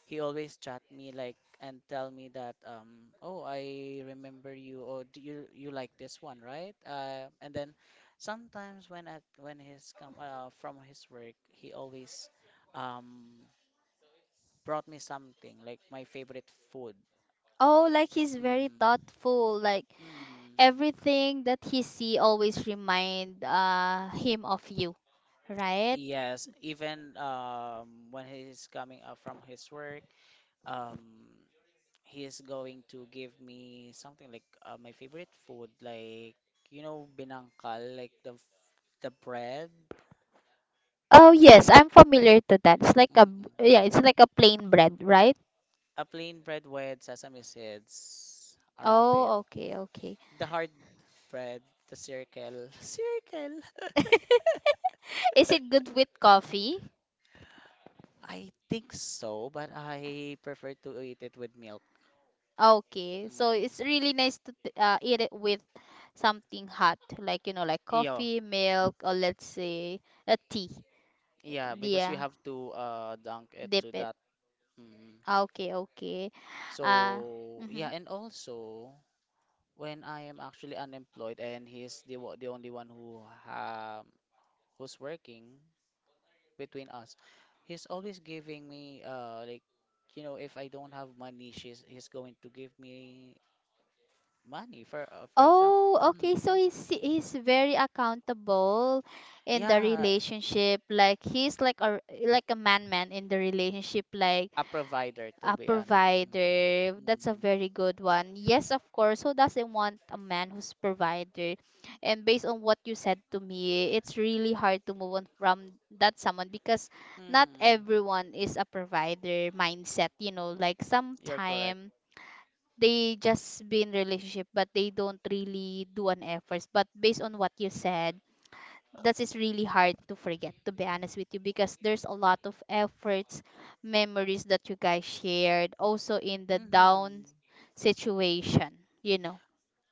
B: he always chat me like and tell me that oh I remember you or do you you like this one, right? And then sometimes when he's come from his work he always um brought me something like my favorite food.
A: oh, like he's very
B: Mm.
A: thoughtful. Like
B: Mm.
A: everything that he see always remind him of you, right?
B: Yes, even when he's coming up from his work, um, he is going to give me something like my favorite food, like you know, binangkal, like the bread,
A: Oh yes, I'm familiar to that. It's like a
B: mhm,
A: yeah, it's like a plain bread, right?
B: a plain bread with sesame seeds around it,
A: Oh, okay, okay.
B: the hard bread, the circle, circle.
A: Is it good with coffee?
B: I think so, but I prefer to eat it with milk.
A: Okay, so
B: Mm.
A: it's really nice to eat it with something hot, like like
B: Iyo,
A: coffee, milk, or let's say a tea.
B: yeah, because you
A: Yeah,
B: have to dunk it
A: dip
B: to
A: it.
B: that. Mm.
A: Okay, okay. Uh,
B: So
A: mhm.
B: yeah, and also when I am actually unemployed and he's the only one who um who's working between us, he's always giving me like, you know, if I don't have money, she's he's going to give me money for example.
A: Oh, okay. So
B: Mm,
A: he's very accountable in the
B: yeah,
A: relationship. Like he's like a man in the relationship. Like
B: a provider to
A: a
B: be honest.
A: provider, that's a
B: Mm,
A: very good one. Yes, of course, who doesn't want a man who's provider? And based on what you said to me, it's really hard to move on from that someone because not
B: mm,
A: everyone is a provider mindset. You know, like
B: you're correct.
A: sometime they just be in relationship, but they don't really do an efforts. But based on what you said, that is really hard to forget, to be honest with you, because there's a lot of efforts, memories that you guys shared also in the down
B: Hmm.
A: situation you know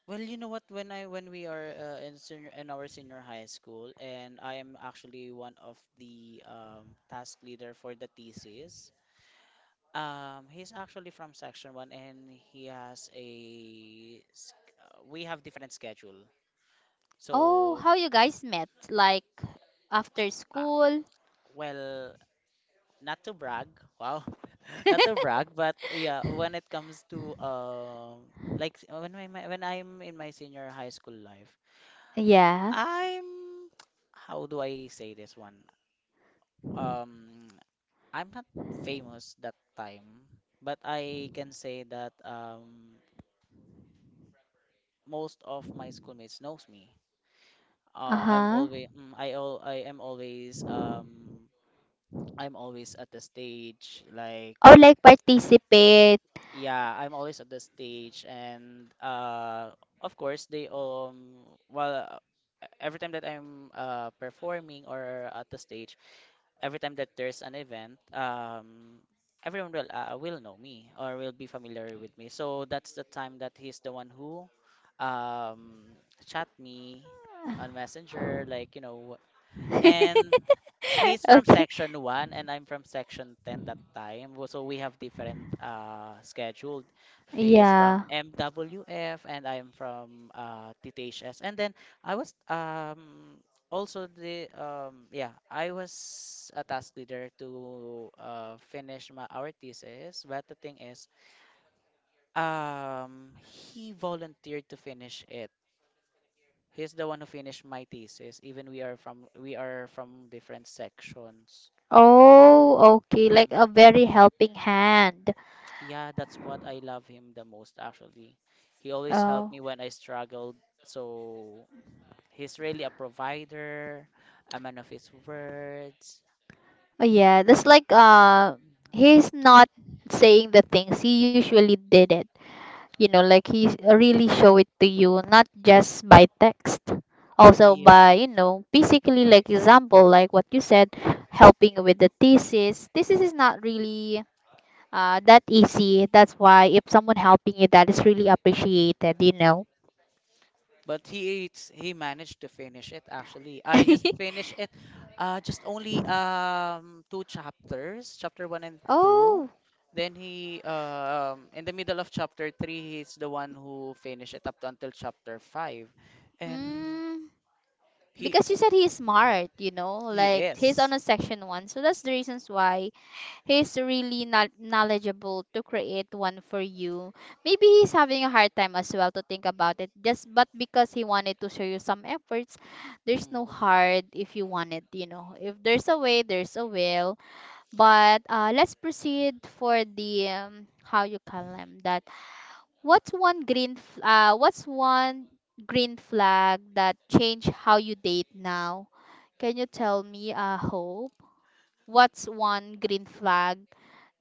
B: Well, you know what? When we are in senior in our senior high school, and I am actually one of the task leader for the thesis. He's actually from section 1, and he has a s- we have different schedule.
A: oh,
B: So,
A: how you guys met, like after
B: uh,
A: school?
B: well, not to brag, wow, not to brag, but yeah, when it comes to when my when I'm in my senior high school life,
A: Yeah.
B: I'm how do I say this one? um I'm not famous that time, but I can say that most of my schoolmates knows me.
A: Uh-huh.
B: I am always um, I'm always at the stage like,
A: Or like participate.
B: yeah, I'm always at the stage and of course they well every time that I'm performing or at the stage, every time that there's an event, everyone will know me or will be familiar with me. So that's the time that he's the one who um, chat me on Messenger, like you know, and he's from
A: Okay.
B: section 1 and I'm from section 10 that time. So we have different scheduled. He is from
A: Yeah.
B: MWF and I'm from TTHS. And then I was also the um, yeah, I was a task leader to finish my our thesis, but the thing is he volunteered to finish it. He's the one who finished my thesis. Even we are from different sections. So
A: Oh, okay. Like
B: mm,
A: a very helping hand.
B: yeah, that's what I love him the most actually. He always helped me when I struggled. So he's really a provider, a man of his words.
A: Oh yeah, that's like he's not saying the things he usually did it. You know, like he really show it to you, not just by text, also
B: Yeah.
A: by basically like example, like what you said, helping with the thesis. Thesis is not really that easy. That's why if someone helping you, that is really appreciated.
B: But he it's, he managed to finish it actually. i just finished it uh just only um two chapters, chapter one and two.
A: Oh,
B: Then he, in the middle of chapter three, he's the one who finished it up to until chapter five. And
A: mm,
B: he
A: because you
B: oh,
A: said he's smart,
B: he
A: like he's on
B: is.
A: a section 1, so that's the reasons why he's really not knowledgeable to create one for you. Maybe he's having a hard time as well to think about it. Just but because he wanted to show you some efforts, there's no
B: mm,
A: hard if you want it. If there's a way, there's a will. But let's proceed for the how you call them that. What's one what's one green flag that change how you date now? Can you tell me, Hope? What's one green flag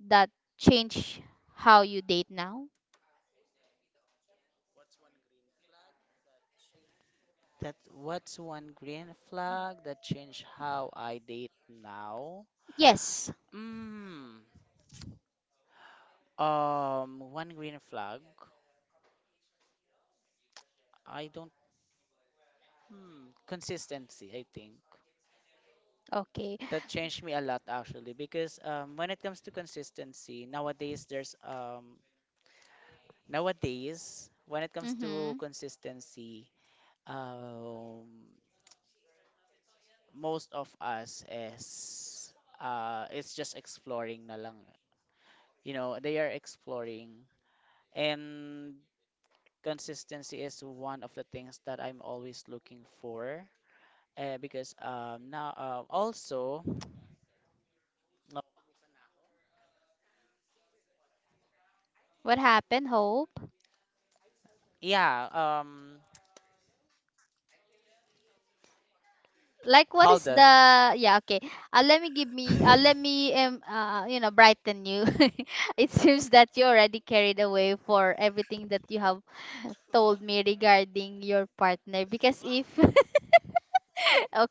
A: that change how you date now?
B: that, what's one green flag that changed how I date now?
A: Yes.
B: mm, um, one green flag. I don't. Consistency, I think.
A: Okay.
B: That changed me a lot actually because when it comes to consistency, nowadays when it comes to
A: Mhm.
B: consistency, um, most of us is it's just exploring na lang. You know, they are exploring, and consistency is one of the things that I'm always looking for. Because now also
A: What happened, Hope?
B: yeah, um,
A: Like what is
B: Halden.
A: the Yeah, okay. Let me brighten you. It seems that you already carried away for everything that you have told me regarding your partner because if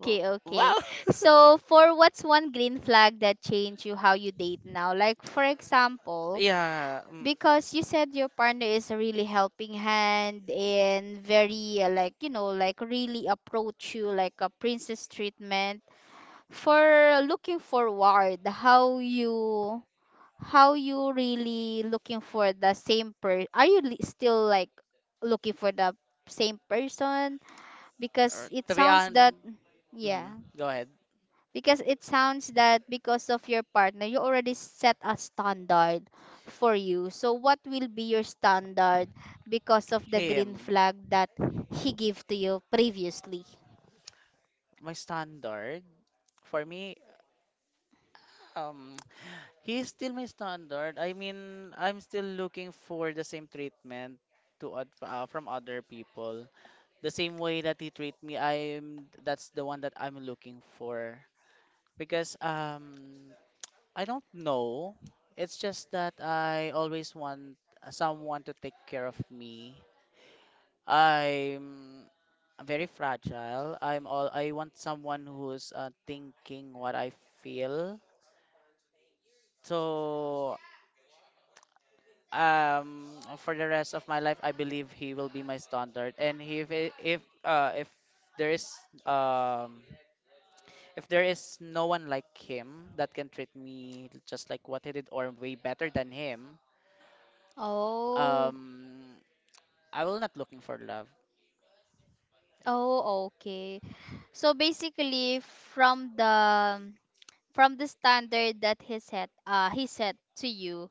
B: W-
A: okay.
B: Wow.
A: So for what's one green flag that changed you how you date now? Like for example,
B: yeah.
A: because you said your partner is a really helping hand and very like really approach you like a princess treatment, for looking forward how you really looking for the same per are you still like looking for the same person because it
B: To be
A: sounds
B: honest,
A: that, yeah,
B: go ahead.
A: because it sounds that because of your partner you already set a standard for you. So what will be your standard because of the green
B: Him.
A: flag that he gave to you previously?
B: My standard, for me, um, he's still my standard. I mean, I'm still looking for the same treatment from other people. The same way that he treat me, I'm that's the one that I'm looking for because, I don't know. It's just that I always want, someone to take care of me. I'm very fragile. I want someone who's, thinking what I feel. So, um, for the rest of my life I believe he will be my standard. And if there is, um, if there is no one like him that can treat me just like what he did or way better than him,
A: Oh,
B: um, I will not looking for love.
A: oh, okay. So basically, from the standard that he set to you,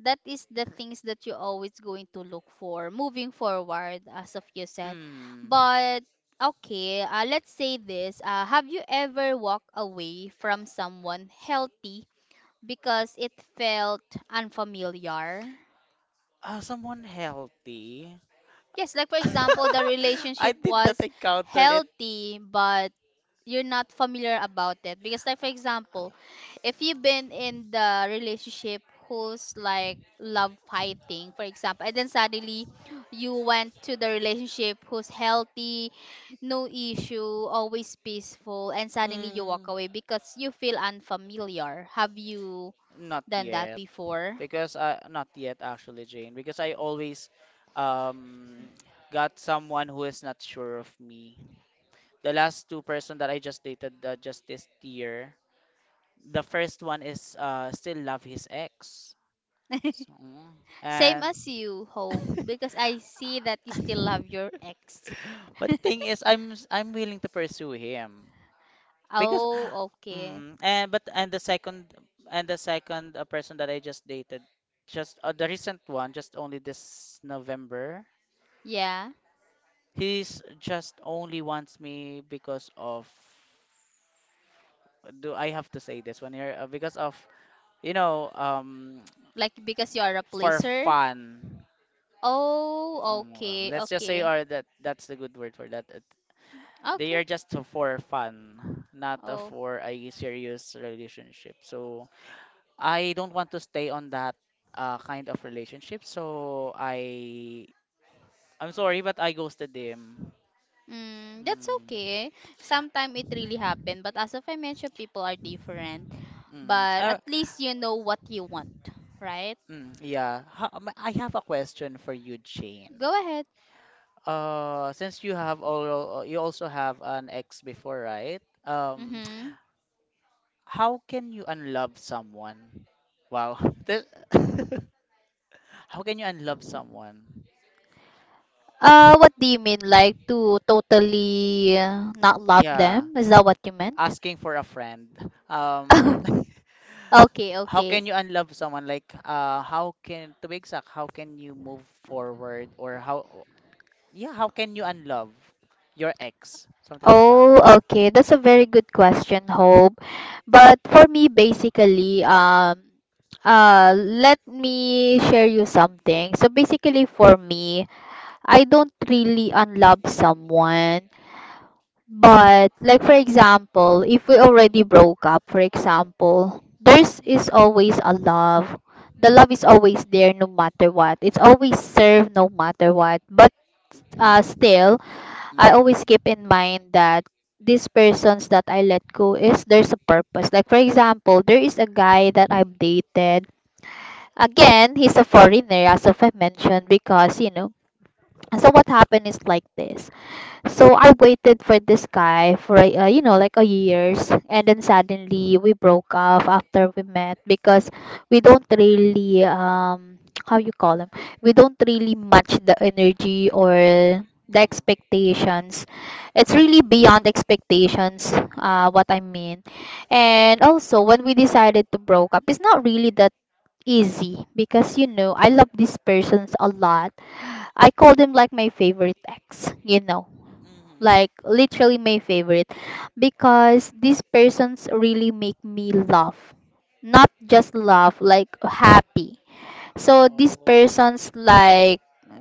A: that is the things that you're always going to look for moving forward as of you said.
B: Hmm.
A: But okay, let's say this, have you ever walked away from someone healthy because it felt unfamiliar?
B: Someone healthy.
A: Yes, like for example, the
B: I
A: relationship
B: did not
A: was
B: encounter it.
A: healthy but you're not familiar about it. Because like for example, if you've been in the relationship who's like love fighting for example, and then suddenly you went to the relationship who's healthy, no issue, always peaceful, and suddenly you walk
B: Mm,
A: away because you feel unfamiliar, have you
B: not
A: done that
B: yet.
A: before?
B: Because I not yet actually, Jane. Because I always, um, got someone who is not sure of me. The last two person that I just dated, just this year. The first one is still love his ex. So, mm,
A: Same
B: and
A: as you hope, because I see that you still love your ex.
B: but the thing is, I'm willing to pursue him because.
A: Oh, okay,
B: Mm, and the second, person that I just dated, just the recent one, just only this November.
A: yeah.
B: He's just only wants me because of, do I have to say this one here? Because of, you know, um,
A: Like because you are a
B: for
A: placer?
B: fun.
A: Oh,
B: Well,
A: okay,
B: let's just say
A: okay.
B: or that that's the good word for that. It- They
A: Okay.
B: are just for fun, not,
A: Oh.
B: for a serious relationship. So I don't want to stay on that, kind of relationship. So I'm sorry, but I ghosted him.
A: That's
B: Mm,
A: okay. Sometimes it really happen, but as of I mentioned, people are different.
B: mm,
A: But at least you know what you want, right?
B: mm, yeah. I have a question for you, Jane.
A: Go ahead.
B: Since you also have an ex before, right?
A: Mm-hmm.
B: How can you unlove someone? Wow. This— how can you unlove someone?
A: What do you mean? Like to totally not love
B: Yeah,
A: them? Is that what you meant?
B: asking for a friend. Um,
A: Okay,
B: how
A: okay.
B: can you unlove someone, like, how can, to be exact, how can you move forward? Or how, yeah, how can you unlove your ex, something like that.
A: Oh, okay. That's a very good question, Hope. But for me, basically, let me share you something. So basically, for me, I don't really unlove someone. But like for example, if we already broke up, for example, there's is
B: Mm-hmm.
A: always a love. The love is always there no matter what. It's always served no matter what. But still, I always keep in mind that these persons that I let go is there's a purpose. Like for example, there is a guy that I've dated. Again, he's a foreigner as of I mentioned because you know. So what happened is like this. So I waited for this guy for a, you know like a years, and then suddenly we broke off after we met because we don't really how you call him, we don't really match the energy or the
B: Mm-hmm.
A: expectations. It's really beyond expectations. What I mean, and also when we decided to broke up, it's not really that easy because you know I love these persons a lot. I call them like my favorite ex, you know,
B: Mm-hmm.
A: like literally my favorite, because these persons really make me laugh, not just laugh like happy. So these
B: Oh.
A: persons like,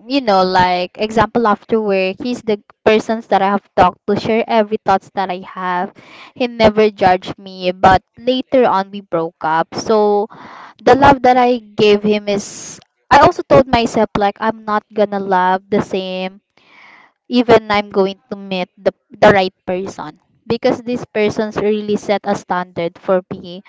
A: you know, like example, after work he's the persons that I have talked to, share every thoughts that I have. He never judged me, but later on we broke up. So the love that I gave him is, I also told myself like I'm not gonna love the same, even I'm going to meet the right person. Because this person's really set a standard for me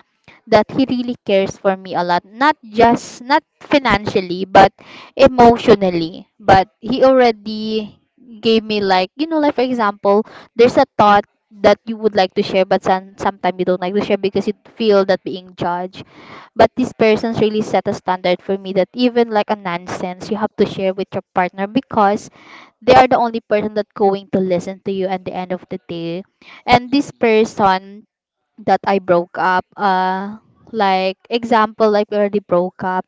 A: that he really cares for me a lot. Not just, not financially, but emotionally. But he already gave me, like, you know, like for example, there's a thought that you would like to share, but sometimes you don't like to share because you feel that being judged. But this person's really set a standard for me that even like a nonsense, you have to share with your partner, because they are the only person that going to listen to you at the end of the day. And this
B: Mm-hmm.
A: person that I broke up, like example, like we already broke up,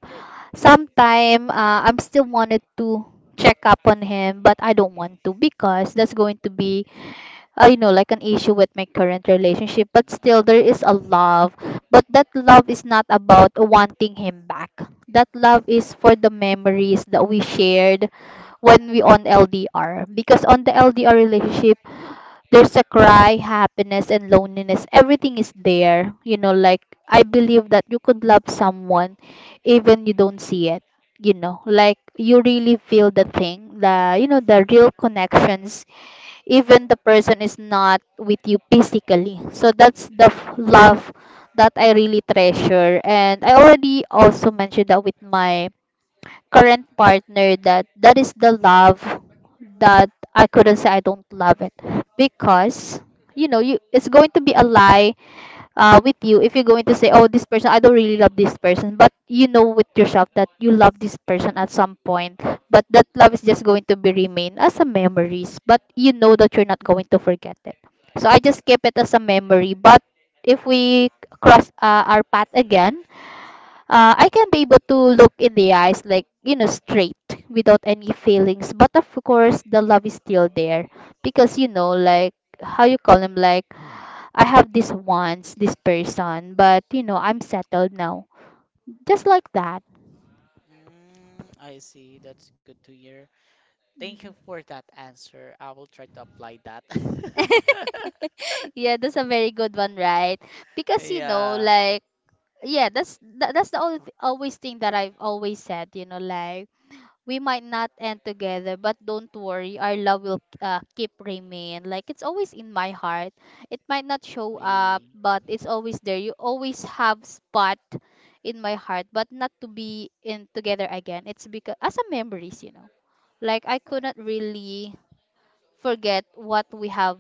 A: sometime, I'm still wanted to check up on him, but I don't want to because that's going to be you know, like an issue with my current relationship. But still there is a love, but that love is not about wanting him back. That love is for the memories that we shared when we on LDR, because on the LDR relationship there's a cry, happiness and loneliness. Everything is there. You know, like, I believe that you could love someone even you don't see it. You know, like, you really feel the thing, the, you know, the real connections, even the person is not with you physically. So that's the love that I really treasure. And I already also mentioned that with my current partner, that that is the love that I couldn't say I don't love it, because you know you, it's going to be a lie with you if you're going to say, oh, this person, I don't really love this person, but you know with yourself that you love this person at some point. But that love is
B: Mm-hmm.
A: just going to be remain as a memories, but you know that you're not going to forget it. So I just keep it as a memory. But if we cross our path again, I can be able to look in the eyes, like, you know, straight, without any feelings. But of course, the love is still there, because, you know, like, how you call him, like, I have this once, this person, but, you know, I'm settled now. Just like that.
B: Mm, I see. That's good to hear. Thank you
A: Mhm.
B: for that answer. I will try to apply that.
A: Yeah, that's a very good one, right? Because you know,
B: Yeah.
A: like, yeah, that's that's the only always thing that I've always said, you know, like, we might not end together, but don't worry, our love will keep remain. Like it's always in my heart. It might not show up,
B: We.
A: but it's always there. You always have spot in my heart, but not to be in together again. It's because as a memories, you know. Like I couldn't really forget what we have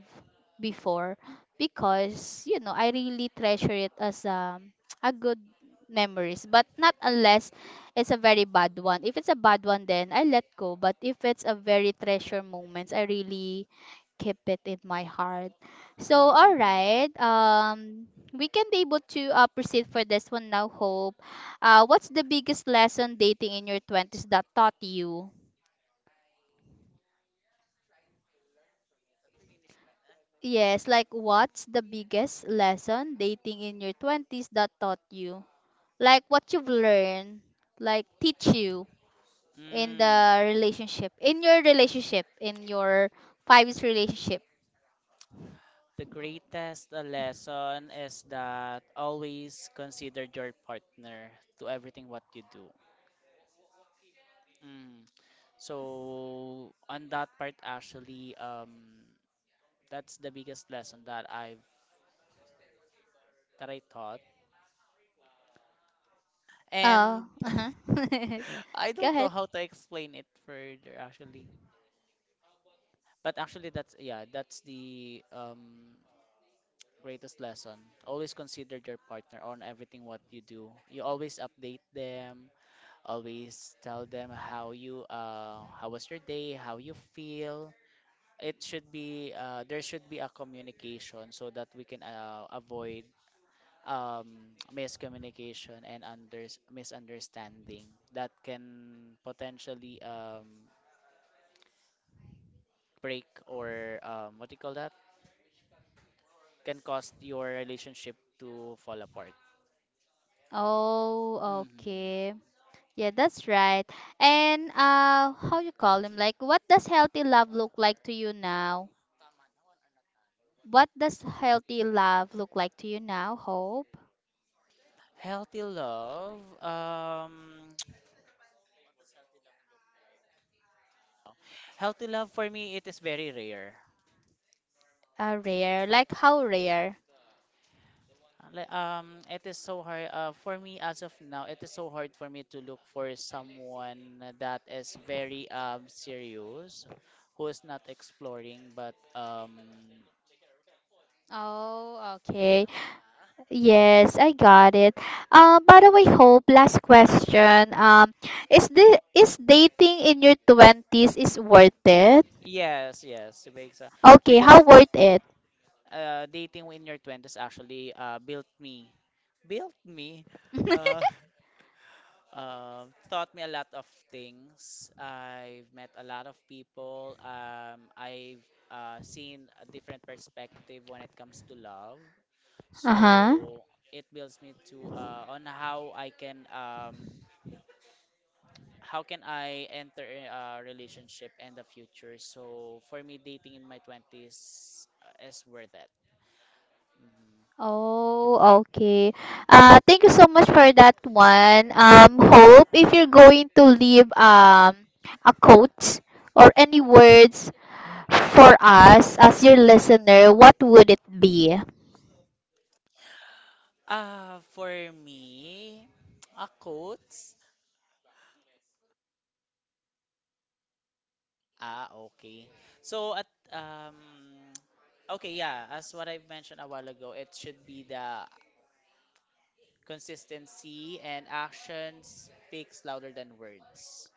A: before, because you know I really treasure it as a good memories. But not unless it's a very bad one. If it's a bad one, then I let go. But if it's a very treasure moments, I really keep it in my heart. So, all
B: Mm-hmm.
A: right, we can be able to proceed for this one now, Hope. What's the biggest lesson dating in your 20s that taught you? Yes, like what's the biggest lesson dating in your 20s that taught you? Like what you've learned, like teach you in
B: Mm.
A: the relationship, in your 5 years relationship.
B: The greatest lesson is that always consider your partner to everything what you do. Mm. So on that part actually, um, that's the biggest lesson that I've, that I taught.
A: Oh,
B: And
A: uh-huh.
B: I
A: Go
B: don't know
A: ahead.
B: how to explain it further actually. But actually that's, yeah, that's the, um, greatest lesson. Always consider your partner on everything what you do. You always update them, always tell them how you, how was your day, how you feel. It should be, there should be a communication so that we can, avoid, um, miscommunication and under misunderstanding that can potentially, break or, what do you call that, can cause your relationship to fall apart.
A: Oh,
B: Hmm.
A: okay. Yeah, that's right. And how you call him? Like what does healthy love look like to you now? What does healthy love look like to you now, Hope?
B: Healthy love, um, healthy love for me, it is very rare.
A: Rare. Like how rare?
B: Like, it is so hard. For me, as of now, it is so hard for me to look for someone that is very, um, serious, who is not exploring, but
A: Oh, okay. Yes, I got it. By the way, Hope, last question. Is this is dating in your 20s is worth it?
B: yes, yes, because,
A: Okay,
B: because
A: how worth it?
B: dating in your twenties actually built me, built me, uh, taught me a lot of things. I've met a lot of people. I've seen a different perspective when it comes to love.
A: Uh-huh.
B: So it builds me to, on how I can how can I enter a relationship in the future. So for me, dating in my 20s, is worth it. Mhm.
A: Oh, okay. Thank you so much for that one. Hope, if you're going to leave a quote or any words for us as your listener, what would it be?
B: Ah, for me, a quotes. Ah, okay. So at, um, okay, yeah, as what I've mentioned a while ago, it should be the consistency, and action speaks louder than words.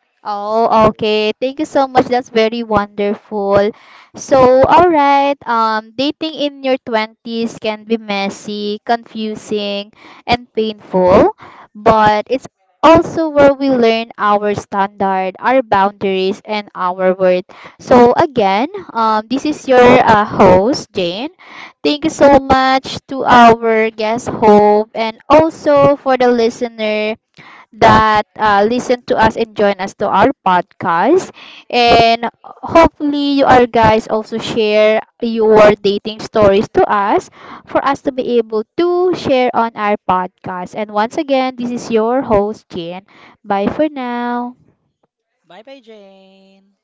B: So.
A: Oh, okay. Thank you so much. That's very wonderful. So, all right. Dating in your 20s can be messy, confusing, and painful, but it's also where we learn our standard, our boundaries, and our worth. So, again, this is your host, Jane. Thank you so much to our guest, Hope, and also for the listener that listen to us and join us to our podcast. And hopefully, you are guys also share your dating stories to us for us to be able to share on our podcast. And once again, this is your host, Jane. Bye for now.
B: Bye bye, Jane.